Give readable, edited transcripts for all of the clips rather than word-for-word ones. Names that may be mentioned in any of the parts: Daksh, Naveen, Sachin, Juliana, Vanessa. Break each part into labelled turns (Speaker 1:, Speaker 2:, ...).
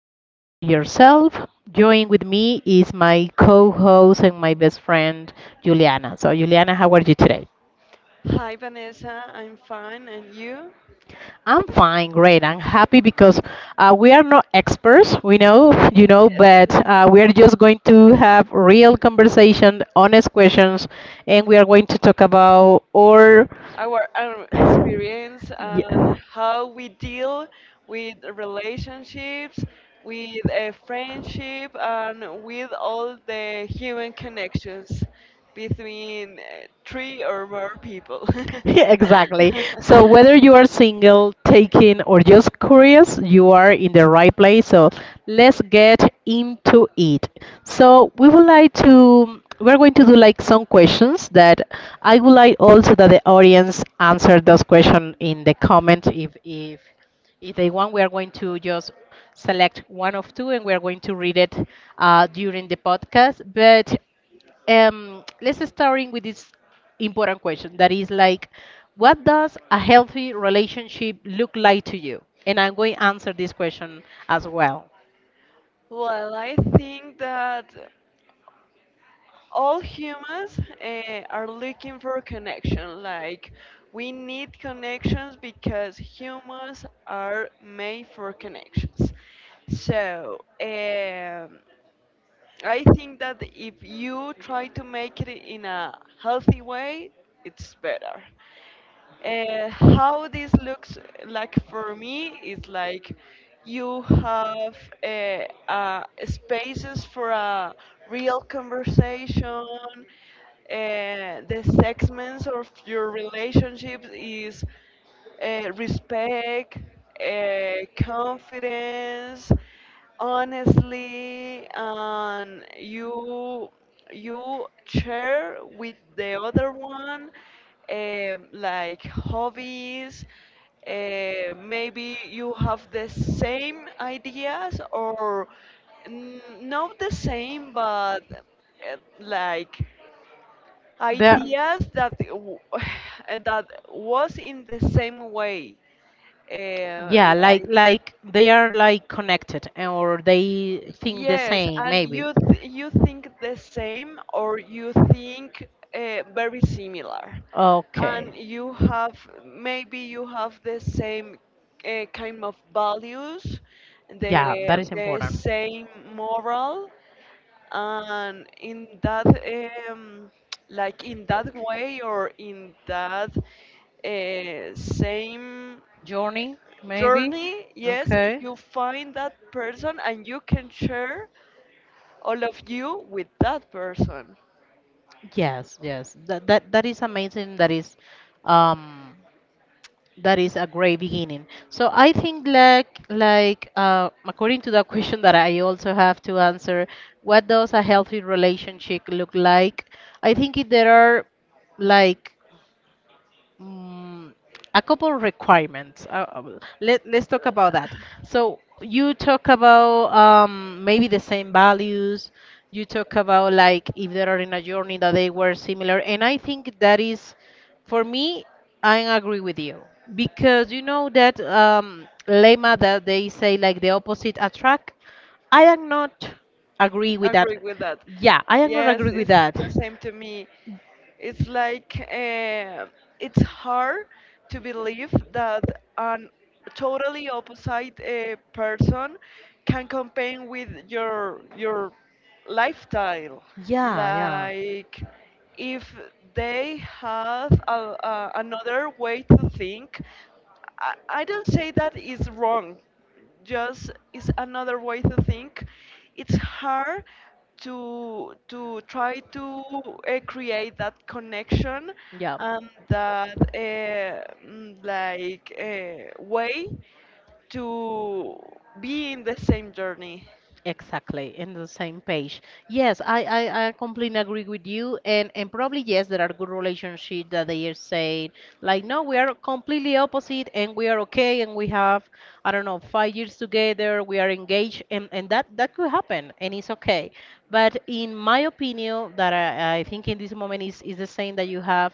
Speaker 1: that you have with yourself. Join with me is my co-host and my best friend Juliana. So Juliana, how are you today?
Speaker 2: Hi Vanessa, I'm fine, and you?
Speaker 1: I'm fine, great. I'm happy because we are not experts, we know, but we are just going to have real conversation, honest questions, and we are going to talk about or
Speaker 2: Our experience
Speaker 1: yeah.
Speaker 2: and how we deal with relationships, with a friendship, and with all the human connections between three or more people.
Speaker 1: exactly. So whether you are single, taking, or just curious, you are in the right place. So let's get into it. So we would like to. We're going to do like some questions that I would like also that the audience answer those questions in the comment if they want, we are going to just select one of two and we are going to read it during the podcast. But let's starting with this important question that is like, what does a healthy relationship look like to you? And I'm going to answer this question as well.
Speaker 2: Well, I think that all humans are looking for connection. Like we need connections because humans are made for connections. So um, I think that if you try to make it in a healthy way, it's better. Uh, how this looks like for me is like you have uh, spaces for a real conversation. The segments of your relationship is respect, confidence, honestly, and you share with the other one, like hobbies. Maybe you have the same ideas or not the same but like
Speaker 1: There,
Speaker 2: ideas that that was in the same way. uh,
Speaker 1: yeah, like
Speaker 2: like
Speaker 1: like they are like connected and or they think the
Speaker 2: Yes,
Speaker 1: same,
Speaker 2: and
Speaker 1: maybe.
Speaker 2: you think the same or you think very similar, and
Speaker 1: Okay.
Speaker 2: you have, maybe you have the same kind of values, the
Speaker 1: Yeah, that is
Speaker 2: the
Speaker 1: important.
Speaker 2: same moral, and in that like in that way or in that same
Speaker 1: Journey, maybe.
Speaker 2: journey, yes,
Speaker 1: Okay.
Speaker 2: you find that person and you can share all of you with that person.
Speaker 1: Yes, yes. That is amazing. Um that is a great beginning. So I think like according to the question that I also have to answer, what does a healthy relationship look like? I think it, there are like Mm, a couple requirements. Let's talk about that. So you talk about maybe the same values. You talk about like if they are in a journey that they were similar, and I think that is, for me, I agree with you because you know that lemma that they say like the opposite attract. I am not agree with that.
Speaker 2: Agree with that.
Speaker 1: Yeah, I am not
Speaker 2: Yes,
Speaker 1: agree with
Speaker 2: it's
Speaker 1: that.
Speaker 2: the same to me. It's like, it's hard to believe that an totally opposite person can compare with your lifestyle.
Speaker 1: Yeah, yeah.
Speaker 2: Like if they have another way to think, I don't say that is wrong, just is another way to think. It's hard to try to create that connection
Speaker 1: Yeah.
Speaker 2: and that way to be in the same journey,
Speaker 1: Exactly, in the same page. Yes, I completely agree with you, and probably yes, there are good relationships that they are saying like, no, we are completely opposite, and we are okay, and we have, I don't know, 5 years together, we are engaged, and that that could happen, and it's okay. But in my opinion, that I think in this moment is the same that you have,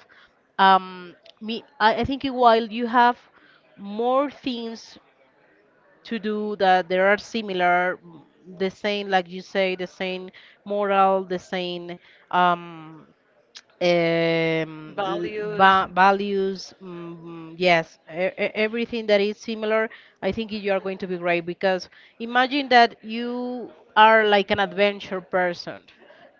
Speaker 1: um, me, I think while you have more things to do that there are similar the same like you say the same moral the same um, um l-
Speaker 2: values.
Speaker 1: values yes everything that is similar. I think you are going to be great because imagine that you are like an adventure person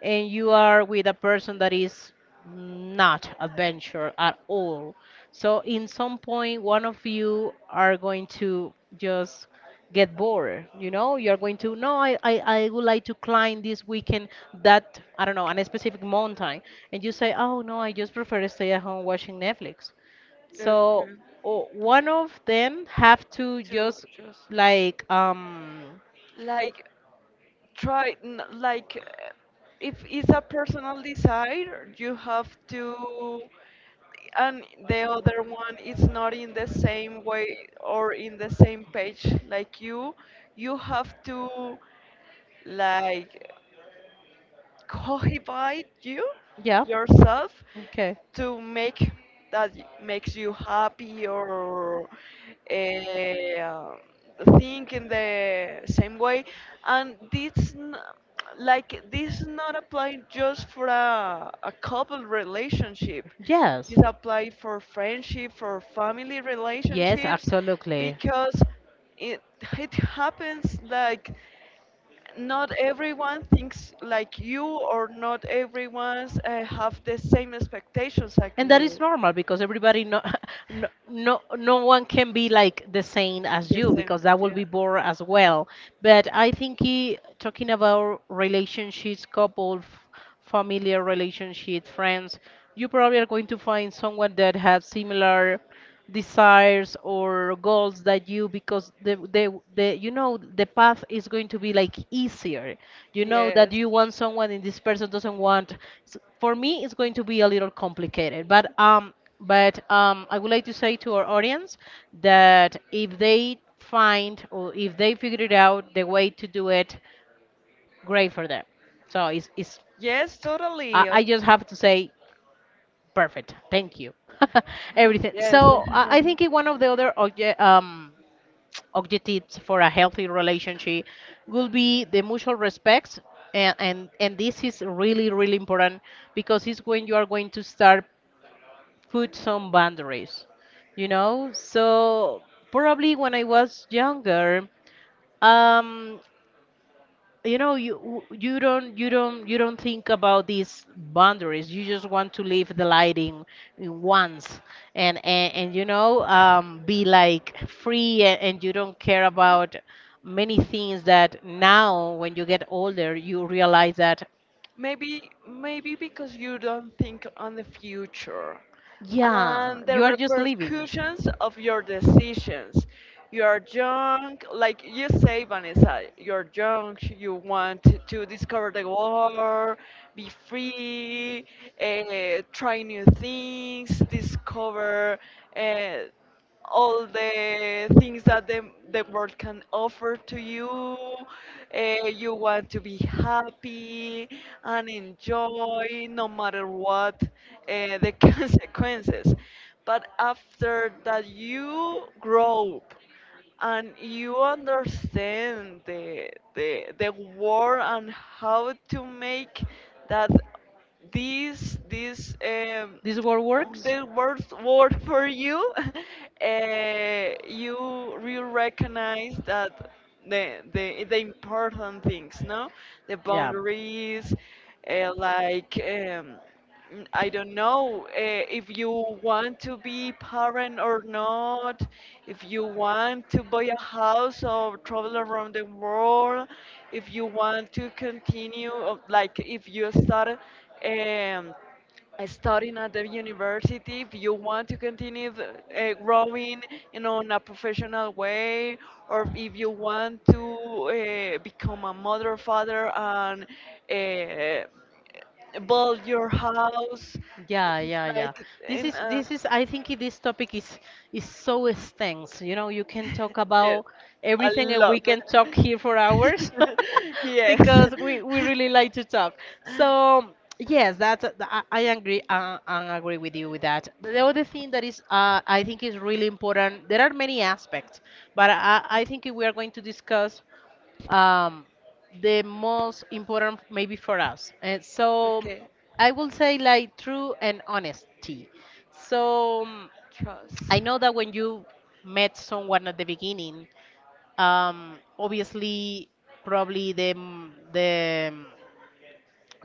Speaker 1: and you are with a person that is not adventure at all. So in some point, one of you are going to just get bored. You know, you're going to no, I would like to climb this weekend that I don't know on a specific mountain, and you say, oh no, I just prefer to stay at home watching Netflix.
Speaker 2: Okay.
Speaker 1: So one of them have to
Speaker 2: To
Speaker 1: just
Speaker 2: just
Speaker 1: like um
Speaker 2: like try if it's a personal desire you have to, and the other one is not in the same way or in the same page like you have to like cohibite
Speaker 1: yeah
Speaker 2: yourself
Speaker 1: okay.
Speaker 2: to make that makes you happy or uh, think in the same way. And this n- like this not apply just for a couple relationship,
Speaker 1: Yes.
Speaker 2: this apply for friendship, for family
Speaker 1: Yes,
Speaker 2: relationships,
Speaker 1: absolutely.
Speaker 2: because it it happens like not everyone thinks like you or not everyone have the same expectations like
Speaker 1: And that is
Speaker 2: you.
Speaker 1: normal because everybody no, No no one can be like the same as
Speaker 2: The
Speaker 1: you
Speaker 2: same.
Speaker 1: because that will be bored as well. But I think he, talking about relationships, couple, familiar relationships, friends, you probably are going to find someone that has similar desires or goals that you, because the you know
Speaker 2: Yeah.
Speaker 1: the path is going to be like easier. You know that
Speaker 2: Yes.
Speaker 1: you want someone and this person doesn't want. For me it's going to be a little complicated, but I would like to say to our audience that if they find or if they figure it out the way to do it, great for them. So it's
Speaker 2: Yes, totally.
Speaker 1: I just have to say. Perfect. Thank you. Everything.
Speaker 2: Yes.
Speaker 1: So I think one of the other objectives for a healthy relationship would be the mutual respect. And this is really, really important because it's when you are going to start put some boundaries, you know? So probably when I was younger, um, you know you don't think about these boundaries. You just want to live the light in once and you know be like free, and you don't care about many things that now when you get older you realize that.
Speaker 2: Maybe, maybe because you don't think on the future
Speaker 1: Yeah,
Speaker 2: and the
Speaker 1: you are just living.
Speaker 2: repercussions of your decisions. You are young, like you say, Vanessa, you're young, you want to discover the world, be free, try new things, discover uh, all the things that the world can offer to you. You want to be happy and enjoy no matter what the consequences. But after that, you grow up and you understand the war and how to make that these these um,
Speaker 1: This world works?
Speaker 2: the worst word for you, you you recognize that the important things, no, the boundaries, uh, like um, I don't know if you want to be parent or not, if you want to buy a house or travel around the world, if you want to continue, if you start. Um, Studying at the university, if you want to continue growing in on a professional way, or if you want to become a mother, father, and build your house,
Speaker 1: Yeah,
Speaker 2: it's
Speaker 1: yeah, yeah.
Speaker 2: like in
Speaker 1: This is I think this topic is so extensive. You know, you can talk
Speaker 2: yes,
Speaker 1: about
Speaker 2: a
Speaker 1: everything and
Speaker 2: lot.
Speaker 1: we can talk here for hours.
Speaker 2: Yes.
Speaker 1: Because we really like to talk. So, yes, that's I agree with you with that. But the other thing that is I think is really important. There are many aspects, but I think if we are going to discuss um, the most important maybe for us. And so
Speaker 2: Okay.
Speaker 1: I will say like true and honesty. So
Speaker 2: Trust.
Speaker 1: I know that when you met someone at the beginning, obviously probably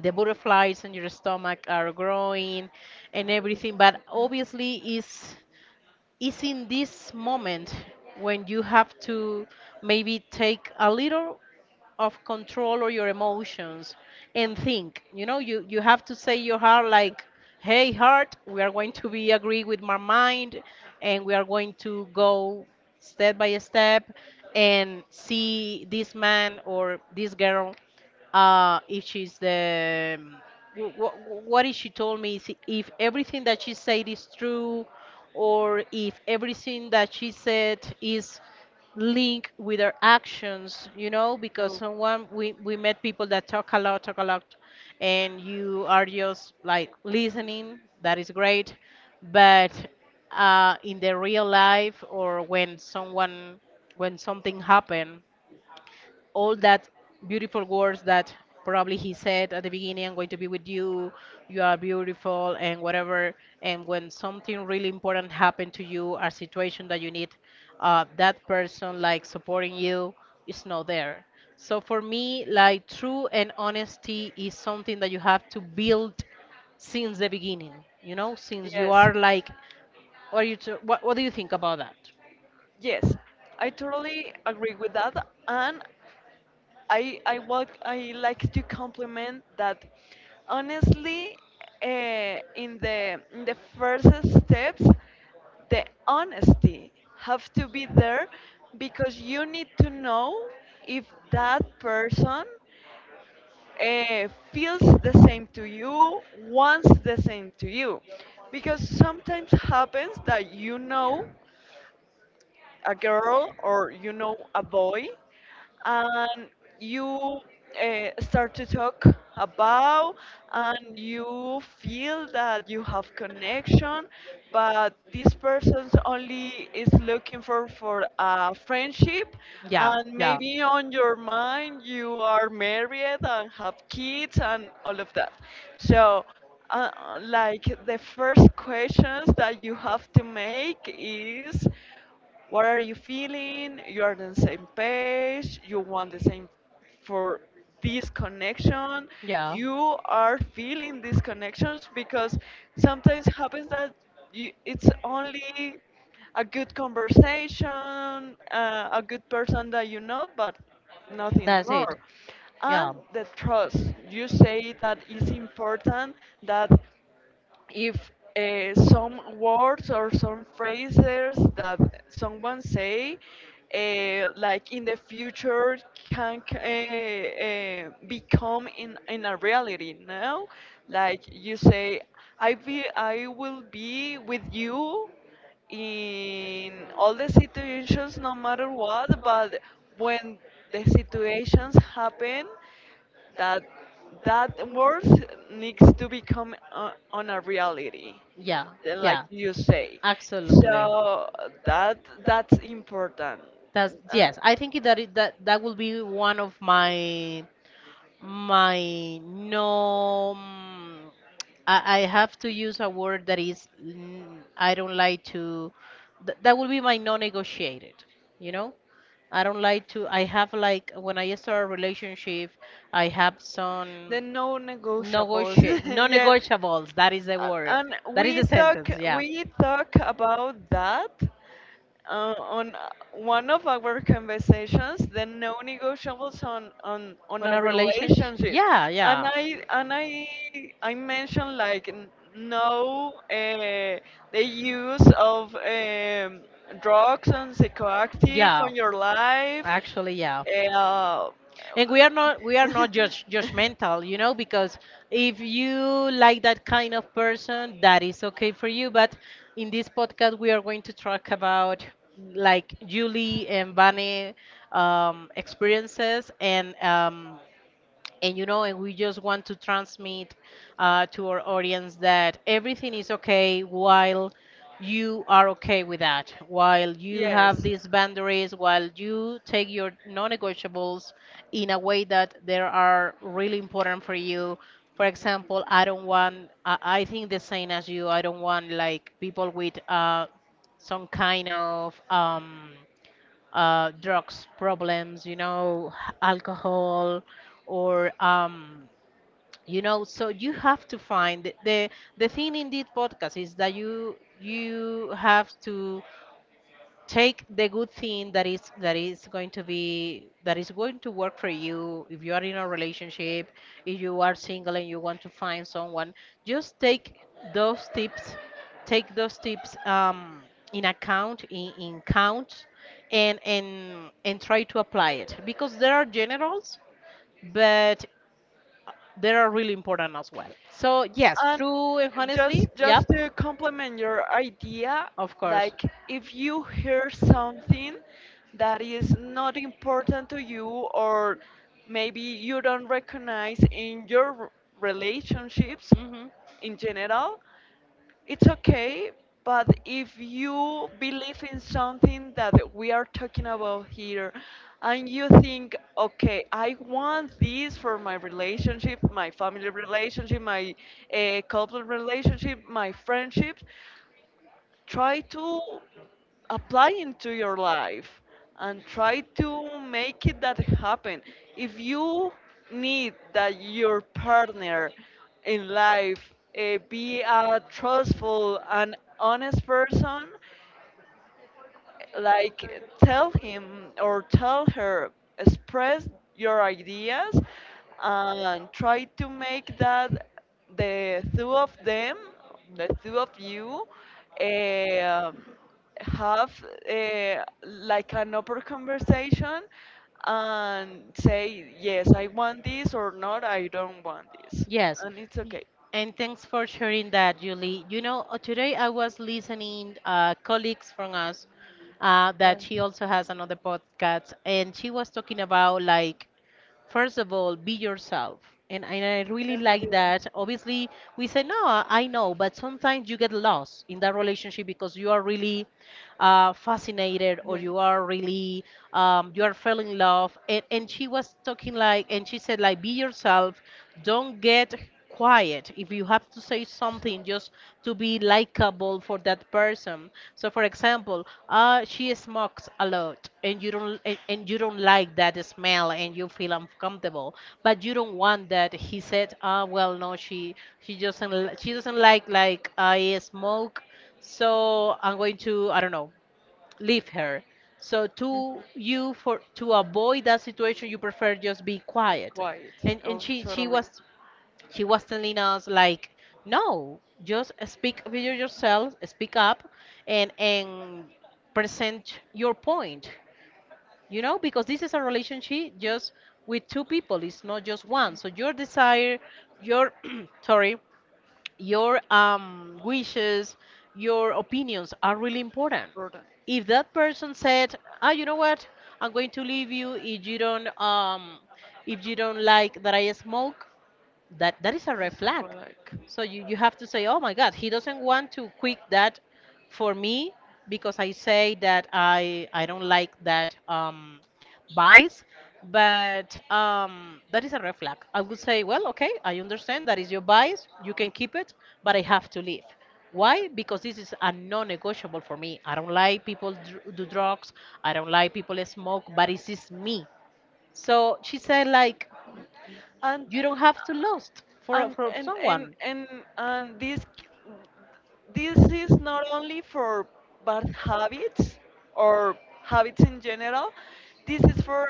Speaker 1: the butterflies in your stomach are growing and everything, but obviously is in this moment when you have to maybe take a little of control or your emotions and think. You know, you have to say your heart like, hey heart, we are going to be agree with my mind and we are going to go step by step and see this man or this girl, if she's the what
Speaker 2: Me,
Speaker 1: is she told me, is
Speaker 2: is
Speaker 1: if
Speaker 2: if
Speaker 1: everything that
Speaker 2: everything
Speaker 1: she
Speaker 2: that
Speaker 1: said is
Speaker 2: you
Speaker 1: true
Speaker 2: You true,
Speaker 1: or if everything that she said is link with our actions. You know, because someone, we met people that talk a
Speaker 2: have
Speaker 1: lot,
Speaker 2: a and
Speaker 1: and you are just like
Speaker 2: like.
Speaker 1: listening, that is great. But in the real life or when someone, when something happen, all that beautiful words that probably he said at the beginning, I'm going to be with you, you are beautiful and whatever, and when something really important happened to you, a situation that you need that person like supporting you, is not there. So for me, like, true and honesty is something that you have to build since the beginning, you know, since you are like what, what do you think about that?
Speaker 2: Yes, I totally agree with that, and I want I like to compliment that. Honestly, in the first steps, the honesty have to be there because you need to know if that person feels the same to you, wants the same to you, because sometimes happens that you know a girl or you know a boy, and you start to talk about, and you feel that you have connection but this person only is looking for a friendship, and maybe on your mind you are married and have kids and all of that. So uh, like the first questions that you have to make is, what are you feeling? You are on the same page? You want the same for this connection?
Speaker 1: Yeah.
Speaker 2: You are feeling these connections? Because sometimes happens that you, it's only a good conversation, a good person that you know, but nothing
Speaker 1: That's it.
Speaker 2: more.
Speaker 1: Yeah.
Speaker 2: And the trust you say that is important, that if some words or some phrases that someone say like in the future can become in a reality now, like you say, I will be with you in all the situations no matter what, but when the situations happen, that that word needs to become on a reality,
Speaker 1: Yeah.
Speaker 2: like
Speaker 1: Yeah.
Speaker 2: you say.
Speaker 1: Absolutely.
Speaker 2: So that, that's important.
Speaker 1: That's
Speaker 2: uh,
Speaker 1: yes. I think that it, that that will be one of my. My no, I have to use a word that is I don't like to. Th That would be my non-negotiated. You know, I don't like to. I have, like, when I start a relationship, I have some
Speaker 2: the no negotiables.
Speaker 1: negotiate
Speaker 2: Yes.
Speaker 1: non-negotiables. That is the
Speaker 2: Uh,
Speaker 1: word.
Speaker 2: and
Speaker 1: That is
Speaker 2: we
Speaker 1: the
Speaker 2: talk
Speaker 1: sentence. Yeah.
Speaker 2: we talk about that on one of our conversations, the no negotiables on a relationship.
Speaker 1: Yeah,
Speaker 2: And i
Speaker 1: and
Speaker 2: and i i mentioned like no, the use of drugs and psychoactive on your life.
Speaker 1: actually, yeah,
Speaker 2: uh,
Speaker 1: and we are not judge, judgmental, you know, because if you like that kind of person, that is okay for you. But in this podcast we are going to talk about like Julie and Bunny experiences, and you know, and we just want to transmit to our audience that everything is okay while you are okay with that, while you have
Speaker 2: Yes.
Speaker 1: these boundaries, while you take your non-negotiables in a way that they are really important for you. For example, I don't want, I think the same as you, I don't want like people with some kind of drugs problems, you know, alcohol, or you know. So you have to find the thing in this podcast is that you have to take the good thing that is going to be that is going to work for you. If you are in a relationship, if you are single and you want to find someone, just take those tips, take those tips in account, in count, and try to apply it because there are generals, but they are really important as well. So yes,
Speaker 2: And
Speaker 1: true and honestly,
Speaker 2: just
Speaker 1: yep,
Speaker 2: to complement your idea,
Speaker 1: of course.
Speaker 2: like if you hear something that is not important to you, or maybe you don't recognize in your relationships
Speaker 1: Hmm.
Speaker 2: in general, it's okay. But if you believe in something that we are talking about here, and you think, okay, I want this for my relationship, my family relationship, my couple relationship, my friendships, try to apply into your life and try to make it that happen. If you need that your partner in life be a trustful and honest person, like tell him or tell her, express your ideas, and try to make that the two of them the two of you um have like an open conversation, and say yes I want this, or not, I don't want this,
Speaker 1: Yes.
Speaker 2: and it's okay.
Speaker 1: Y- And thanks for sharing that, Julie. You know, today I was listening colleagues from us
Speaker 2: Yeah.
Speaker 1: that she also has another podcast, and she was talking about like first of all be yourself and I really
Speaker 2: How do
Speaker 1: like
Speaker 2: I?
Speaker 1: that obviously we say no I know but sometimes you get lost in that relationship because you are really fascinated or you are really you are falling in love and she was talking like
Speaker 2: Right.
Speaker 1: and she said like be yourself don't get quiet if you have to say something just to be likable for that person. So for example she smokes a lot and you don't and you don't like that smell and you feel uncomfortable but you don't want that. He said ah well no she she doesn't li- she doesn't like I smoke so I'm going to I don't know leave her.
Speaker 2: So.
Speaker 1: So
Speaker 2: Mhm.
Speaker 1: to you for to avoid that situation you prefer just be quiet.
Speaker 2: Quiet.
Speaker 1: and
Speaker 2: I was
Speaker 1: and she
Speaker 2: totally
Speaker 1: was she was telling us like no just speak with yourself, speak up and present your point, you know, because this is a relationship just with two people, it's not just one. So your desire, your sorry, your wishes, your opinions are really important.
Speaker 2: burdened.
Speaker 1: If that person said ah you know what I'm going to leave you if you don't like that I smoke, that is a red
Speaker 2: It's not for
Speaker 1: flag.
Speaker 2: like.
Speaker 1: So you have to say oh my god he doesn't want to quit that for me because I say that i don't like that bias. But that is a red flag. I would say well okay I understand that is your bias you can keep it but I have to leave. Why? Because this is a non-negotiable for me. I don't like people do drugs, I don't like people smoke, but this is me. So she said like
Speaker 2: and
Speaker 1: you don't have to lose for
Speaker 2: and and and
Speaker 1: someone.
Speaker 2: and, and this c- this is not only for bad habits or habits in general, this is for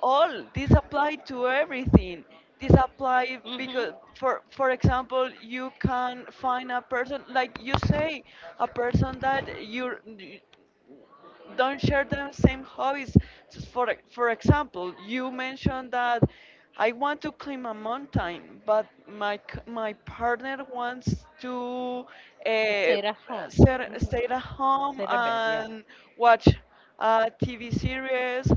Speaker 2: all, this apply to everything, this apply. Because for example you can find a person, like you
Speaker 1: Mhm.
Speaker 2: say, a person that you don't share the same hobbies. Just for example, you mentioned that I want to climb a mountain, but my my partner wants to uh,
Speaker 1: At home.
Speaker 2: stay
Speaker 1: Hmm.
Speaker 2: stay at home
Speaker 1: At
Speaker 2: and watch a TV series,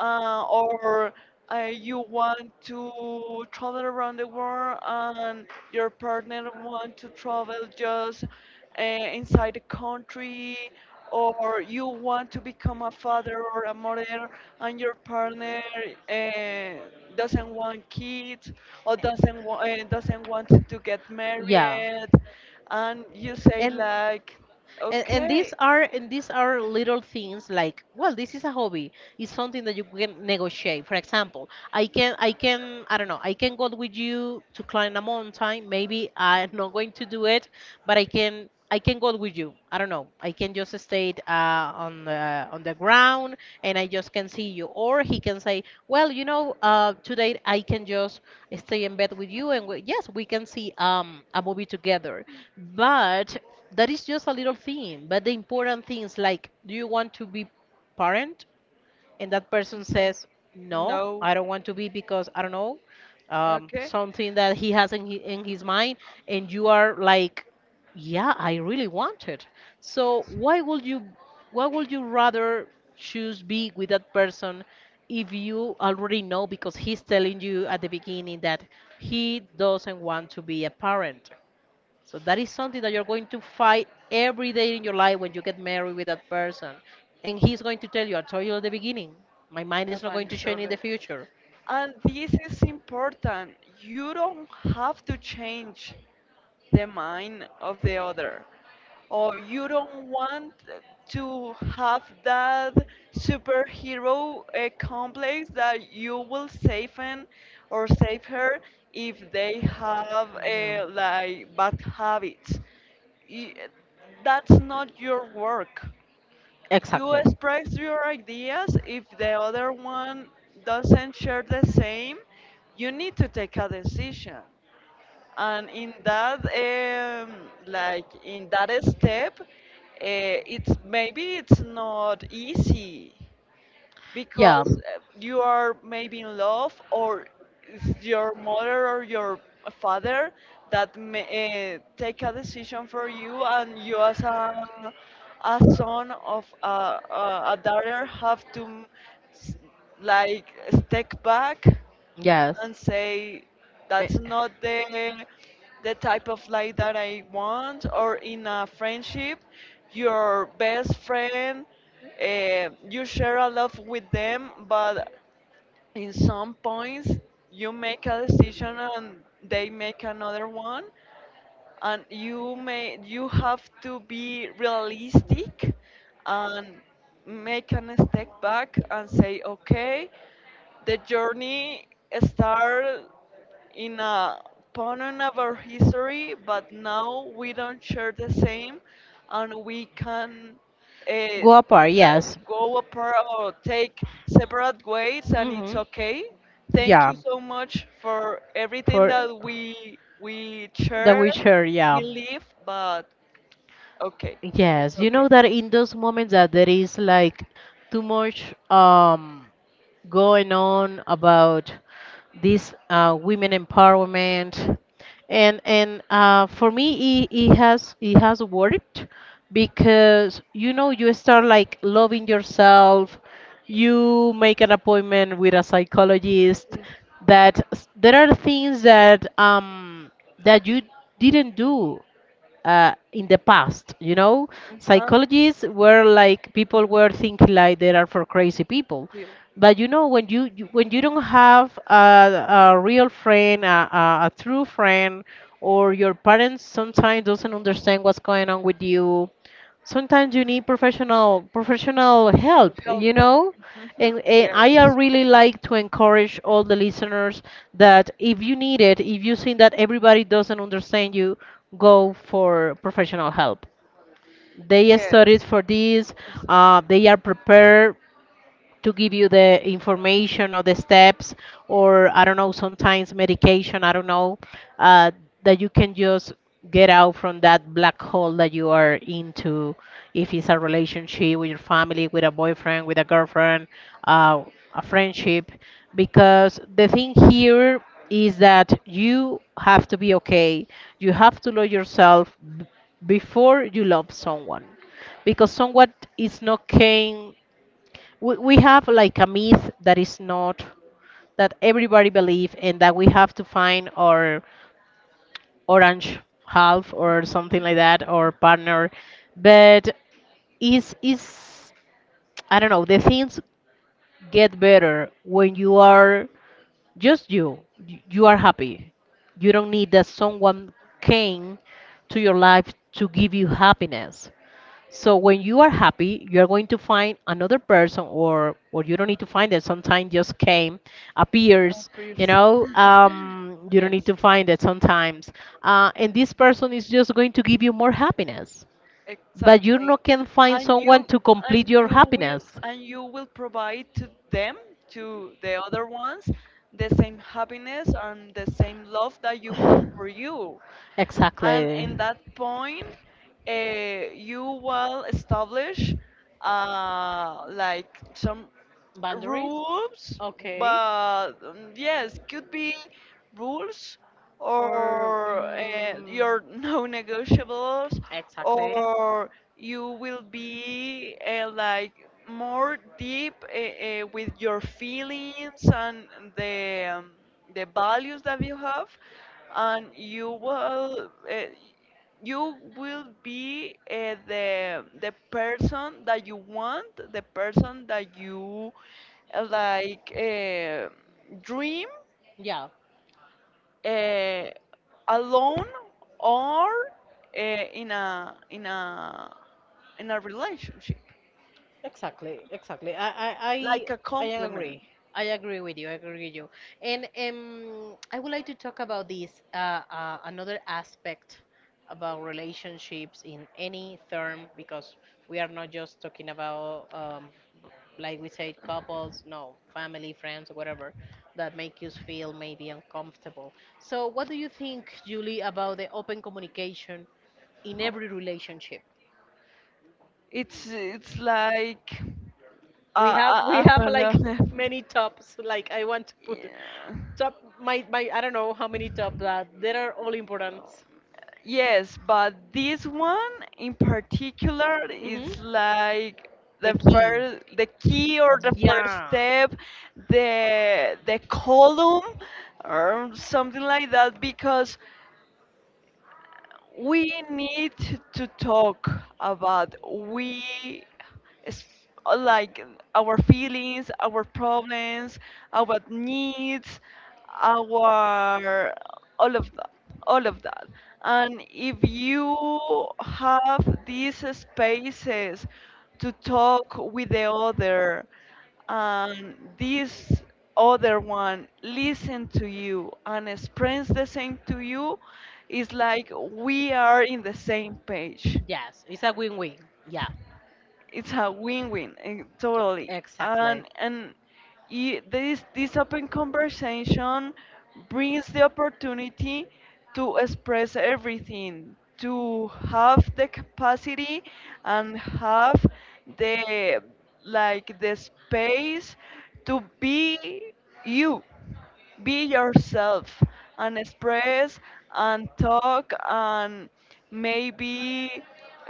Speaker 2: or you want to travel around the world and your partner want to travel just inside the country. Or you want to become a father or a mother and your partner uh, doesn't want kids, or doesn't want to get married. And you say
Speaker 1: and
Speaker 2: like, okay.
Speaker 1: and these are little things like well this is a hobby, it's something that you can negotiate. For example i can I don't know I can go with you to climb a mountain, maybe I'm not going to do it but i can go with you. I don't know, I can just stay on the ground and I just can see you. Or he can say well you know today I can just stay in bed with you and we, yes we can see a movie together. But that is just a little thing. But the important things like do you want to be parent and that person
Speaker 2: He says,
Speaker 1: says, "No,
Speaker 2: no.
Speaker 1: I don't want to be because I don't know
Speaker 2: Okay.
Speaker 1: something that he has in his mind," and you are like, "Yeah, I really want it." So why would you rather choose be with that person if you already know because he's telling you at the beginning that he doesn't want to be a parent? So that is something that you're going to fight every day in your life when you get married with that person. And he's going to tell you, I told you at the beginning, my mind
Speaker 2: Your
Speaker 1: is not
Speaker 2: mind
Speaker 1: going to
Speaker 2: is
Speaker 1: change in the
Speaker 2: solid.
Speaker 1: future.
Speaker 2: And this is important. You don't have to change the mind of the other, or you don't want to have that superhero complex that you will save him or save her if they have
Speaker 1: No.
Speaker 2: like bad habits. Y- That's not your work. You express your ideas. If the other one doesn't share the same, you need to take a decision. And in that, like in that step, it's maybe it's not easy
Speaker 1: Yeah.
Speaker 2: because you are maybe in love, or it's your mother or your father that may take a decision for you, and you as a a daughter have to, s- like step back
Speaker 1: Yes.
Speaker 2: and say
Speaker 1: Eh,
Speaker 2: that's not the the type of life that I want. Or in a friendship, your best friend, you share a lot with them, but in some points you make a decision and they make another one, and you have to be realistic and make a step back and say, okay, the journey started in a pattern of our history, but now we don't share the same, and we can uh,
Speaker 1: go apart, yes.
Speaker 2: go apart or take separate ways, and it's
Speaker 1: Mhm.
Speaker 2: okay. Thank
Speaker 1: Yeah.
Speaker 2: you so much for everything
Speaker 1: For
Speaker 2: that we
Speaker 1: that
Speaker 2: share
Speaker 1: we share, yeah.
Speaker 2: we live, but okay.
Speaker 1: Yes, you know that in those moments that there is like too much going on about this women empowerment, and for me it has worked because you know you start like loving yourself, you make an appointment with a psychologist. There are things that that you didn't do in the past, you know?
Speaker 2: Uh-huh.
Speaker 1: Psychologists were like, people were thinking like they are for crazy people.
Speaker 2: Feel.
Speaker 1: But you know, when you when you don't have a real friend, a true friend, or your parents sometimes doesn't understand what's going on with you, sometimes you need professional help, you know.
Speaker 2: Mhm.
Speaker 1: And I
Speaker 2: Yes.
Speaker 1: really like to encourage all the listeners that if you need it, if you think that everybody doesn't understand you, go for professional help. They studied
Speaker 2: Yes.
Speaker 1: for this.
Speaker 2: Yes.
Speaker 1: They are prepared to give you the information or the steps,
Speaker 2: For
Speaker 1: or I don't know,
Speaker 2: time
Speaker 1: sometimes medication, I don't
Speaker 2: medications,
Speaker 1: know,
Speaker 2: um,
Speaker 1: uh,
Speaker 2: that
Speaker 1: that you
Speaker 2: you
Speaker 1: can
Speaker 2: just
Speaker 1: just
Speaker 2: get
Speaker 1: get
Speaker 2: out,
Speaker 1: out
Speaker 2: and
Speaker 1: from
Speaker 2: that
Speaker 1: that
Speaker 2: black
Speaker 1: black hole
Speaker 2: hole is
Speaker 1: that you
Speaker 2: born.
Speaker 1: are
Speaker 2: Um,
Speaker 1: into. If it's a relationship with your family, with a boyfriend, with a girlfriend, uh, a friendship,
Speaker 2: because
Speaker 1: because the
Speaker 2: this
Speaker 1: thing
Speaker 2: means
Speaker 1: here is
Speaker 2: that
Speaker 1: that
Speaker 2: you
Speaker 1: you
Speaker 2: have
Speaker 1: have to be
Speaker 2: your face,
Speaker 1: okay, you
Speaker 2: you have
Speaker 1: have to love
Speaker 2: your stuff
Speaker 1: yourself
Speaker 2: before.
Speaker 1: before you love someone. Because someone is not came, we have like a myth that is not that everybody believe and that we have to find our orange half or something like that, or partner. But is I don't know, the things get better when you are just you. You are happy, you don't need that someone came to your life to give you happiness. So when you are happy, you are going to find another person, or you don't need to find it. Sometimes just came,
Speaker 2: Of
Speaker 1: appears. You
Speaker 2: course.
Speaker 1: know, you don't need
Speaker 2: Yes.
Speaker 1: to find it sometimes. And this person is just going to give you more happiness. But you
Speaker 2: Exactly.
Speaker 1: not can find
Speaker 2: And
Speaker 1: someone
Speaker 2: you
Speaker 1: to complete
Speaker 2: and
Speaker 1: your
Speaker 2: you will,
Speaker 1: happiness.
Speaker 2: and you will provide to them, to the other ones, the same happiness and the same love that you have for you. And
Speaker 1: Exactly.
Speaker 2: in that point, uh, you will establish like some
Speaker 1: Boundaries.
Speaker 2: rules,
Speaker 1: Okay.
Speaker 2: but yes, could be rules
Speaker 1: Or
Speaker 2: or your non-negotiables,
Speaker 1: exactly.
Speaker 2: or you will be like more deep with your feelings and the um, the values that you have, and you will. You will be the person that you want, the person that you uh, like uh, dream
Speaker 1: Yeah.
Speaker 2: uh, alone or in a in a relationship
Speaker 1: Exactly, exactly.
Speaker 2: like a
Speaker 1: I
Speaker 2: compliment.
Speaker 1: agree. I agree with you. I agree with you. And I would like to talk about this another aspect about relationships in any term, because we are not just talking about like we said, couples, no, family, friends, whatever that make you feel maybe uncomfortable. So, what do you think, Julie, about the open communication in every relationship?
Speaker 2: It's like
Speaker 1: We have we
Speaker 2: uh, uh,
Speaker 1: have like
Speaker 2: uh,
Speaker 1: many tops. Like I want to put
Speaker 2: yeah.
Speaker 1: top, my I don't know how many top that they are all important.
Speaker 2: Yes, but this one in particular
Speaker 1: Mhm.
Speaker 2: is like
Speaker 1: The
Speaker 2: the
Speaker 1: key.
Speaker 2: first, the key or the first
Speaker 1: Yeah.
Speaker 2: step, the column or something like that because we need to talk about we es- like our feelings, our problems, our needs, our all of that, all of that and if you have these spaces to talk with the other, and this other one listen to you and express the same to you, is like we are in the same page.
Speaker 1: Yes, it's a win-win. Yeah,
Speaker 2: It's a win-win, totally,
Speaker 1: exactly.
Speaker 2: this open conversation brings the opportunity to express everything, to have the capacity and have the like the space to be you, be yourself, and express and talk and maybe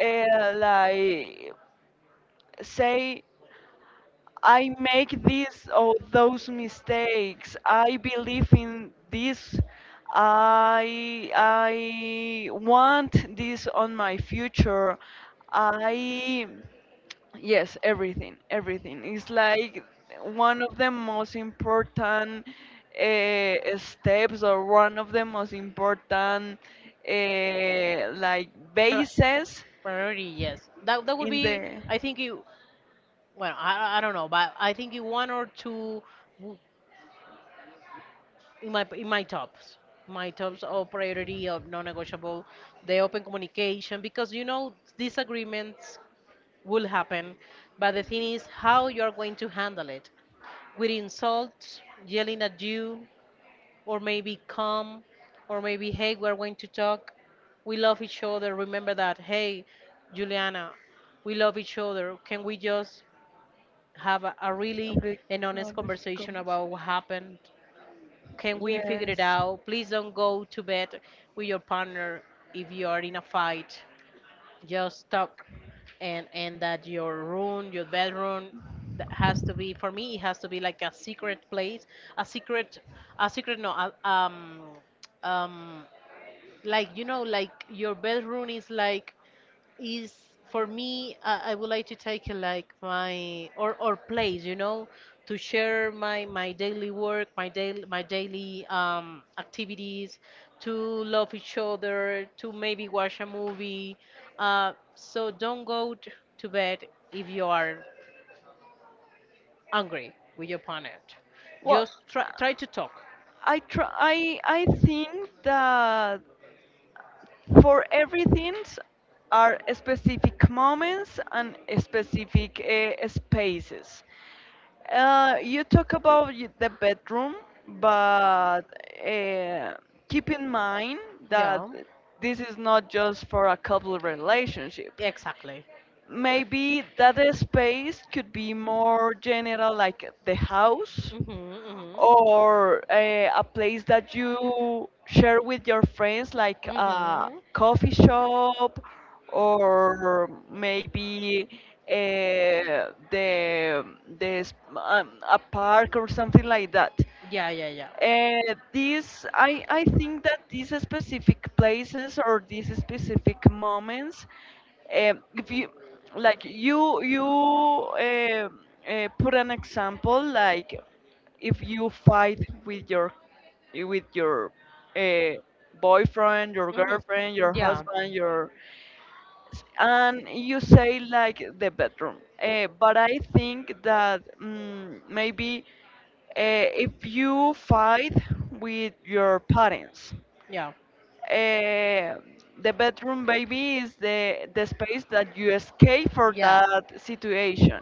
Speaker 2: uh, like say, I make this or those mistakes. I believe in this. I want this on my future. I Yes, everything, everything. It's like one of the most important steps, or one of the most important uh,
Speaker 1: Pri-
Speaker 2: bases
Speaker 1: Priority, yes. That that would
Speaker 2: in
Speaker 1: be.
Speaker 2: the
Speaker 1: I think you. Well, I don't know, but I think you one or two w- in my tops. My tops of priority of non-negotiable, the open communication, because you know disagreements will happen, but the thing is how you are going to handle it. With insults, yelling at you, or maybe come, or maybe, hey, we're going to talk. We love each other. Remember that. Hey, Juliana, we love each other. Can we just have a really an honest
Speaker 2: going to
Speaker 1: conversation about what happened? Can we figure it out? Please don't go to bed with your partner if you are in a fight. Just stop. And that your room, your bedroom, that has to be, for me it has to be like a secret place, a secret, no a, um like you know like your bedroom is like is for me. I would like to take like my or place, you know, to share my my daily work, my daily activities, to love each other, to maybe watch a movie. So don't go to bed if you are angry with your partner. Just try to talk.
Speaker 2: I try. I think that for everything are specific moments and specific spaces. You talk about the bedroom, but uh, keep in mind
Speaker 1: Yeah,
Speaker 2: that this is not just for a couple relationship.
Speaker 1: exactly.
Speaker 2: Maybe that space could be more general, like the house,
Speaker 1: Mhm. Mhm.
Speaker 2: or a place that you share with your friends, like a coffee shop, or maybe uh, the the s- a park or something like that.
Speaker 1: Yeah, yeah, yeah.
Speaker 2: This I think that these specific places or these specific moments, if you like you you uh, put an example, like if you fight with your with your uh, boyfriend, your girlfriend, your husband, your and you say like the bedroom. But I think that maybe if you fight with your parents,
Speaker 1: Yeah.
Speaker 2: uh, the bedroom maybe is the space that you escape for that situation.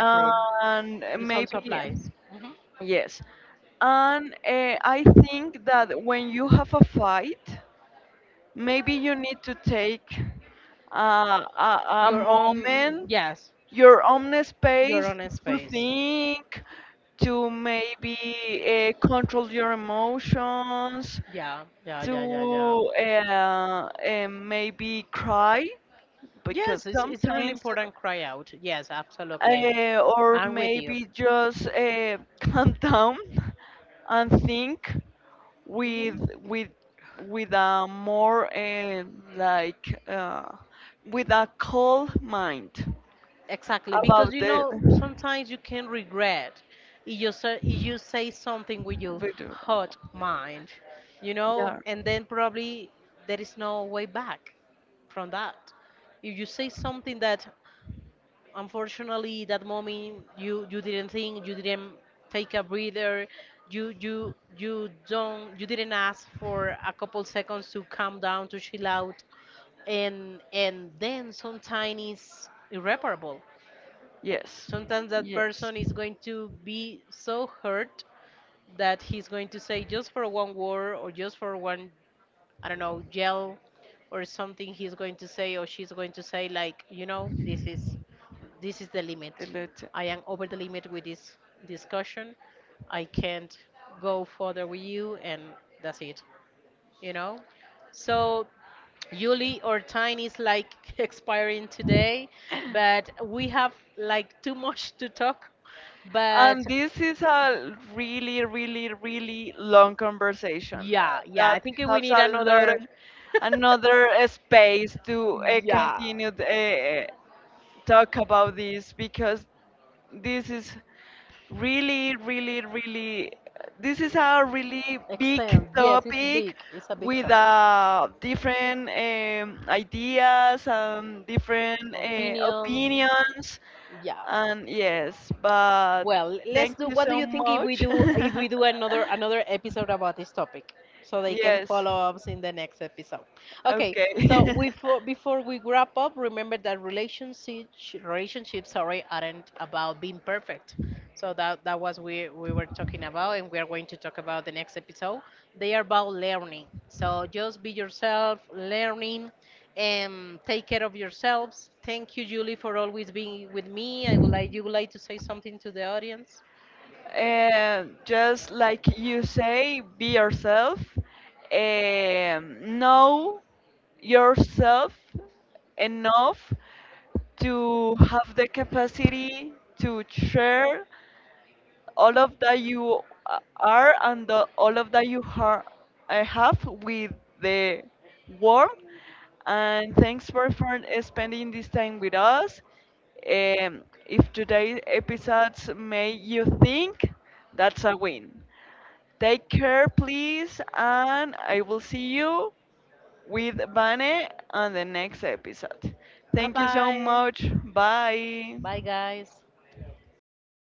Speaker 2: And
Speaker 1: It also maybe
Speaker 2: maybe
Speaker 1: applies. Mhm.
Speaker 2: yes. And I think that when you have a fight, maybe you need to take a moment,
Speaker 1: Yes,
Speaker 2: your own space
Speaker 1: to
Speaker 2: to
Speaker 1: space.
Speaker 2: think, to maybe control your emotions,
Speaker 1: Yeah, yeah, yeah, yeah, yeah.
Speaker 2: to maybe cry,
Speaker 1: Yes,
Speaker 2: because
Speaker 1: it's a really
Speaker 2: sometimes,
Speaker 1: important cry out. Yes, absolutely.
Speaker 2: or
Speaker 1: I'm with you.
Speaker 2: maybe just calm down and think with with a more like uh, with a cold mind
Speaker 1: Exactly, because
Speaker 2: about
Speaker 1: you
Speaker 2: the
Speaker 1: know sometimes you can regret if you say something with your
Speaker 2: we do know.
Speaker 1: hurt mind, you know,
Speaker 2: Yeah.
Speaker 1: and then probably there is no way back from that. If you say something that unfortunately that moment you didn't think, you didn't take a breather, you don't you didn't ask for a couple seconds to calm down, to chill out, and then sometimes it's irreparable.
Speaker 2: Yes.
Speaker 1: Sometimes that person
Speaker 2: Yes.
Speaker 1: is going to be so hurt that he's going to say just for one word or just for one, I don't know, yell or something, he's going to say or she's going to say like, you know, this is the limit.
Speaker 2: The letter.
Speaker 1: I am over the limit with this discussion. I can't go further with you, and that's it. You know? So, Yuli, our time is like expiring today, but we have like too much to talk. But
Speaker 2: And this is a really, really, really long conversation,
Speaker 1: yeah, yeah, I
Speaker 2: that
Speaker 1: think we need
Speaker 2: has a lot
Speaker 1: another.
Speaker 2: of another space to
Speaker 1: Yeah.
Speaker 2: continue the, talk about this, because this is really, really, really, this is a really big
Speaker 1: Extends. Yes, it's big.
Speaker 2: topic
Speaker 1: It's a big
Speaker 2: with
Speaker 1: topic.
Speaker 2: different ideas and different
Speaker 1: Opinions.
Speaker 2: opinions.
Speaker 1: Yeah.
Speaker 2: And yes, but
Speaker 1: Well, let's
Speaker 2: thank
Speaker 1: do.
Speaker 2: you
Speaker 1: What do you
Speaker 2: so
Speaker 1: think
Speaker 2: much.
Speaker 1: if we do another episode about this topic, so they can
Speaker 2: Yes,
Speaker 1: follow us in the next episode? Okay.
Speaker 2: okay.
Speaker 1: So we before we wrap up, remember that relationships sorry aren't about being perfect. So that that was we were talking about, and we are going to talk about the next episode. They are about learning. So just be yourself, learning, and take care of yourselves. Thank you, Julie, for always being with me. I would like you would like to say something to the audience.
Speaker 2: And just like you say, be yourself. Know yourself enough to have the capacity to share all of that you are, and the, all of that you har have with the world. And thanks for spending this time with us. If today's episodes made you think, that's a win. Take care, please, and I will see you with Vane on the next episode.
Speaker 1: Bye
Speaker 2: Thank you so
Speaker 1: bye.
Speaker 2: much. Bye.
Speaker 1: Bye guys.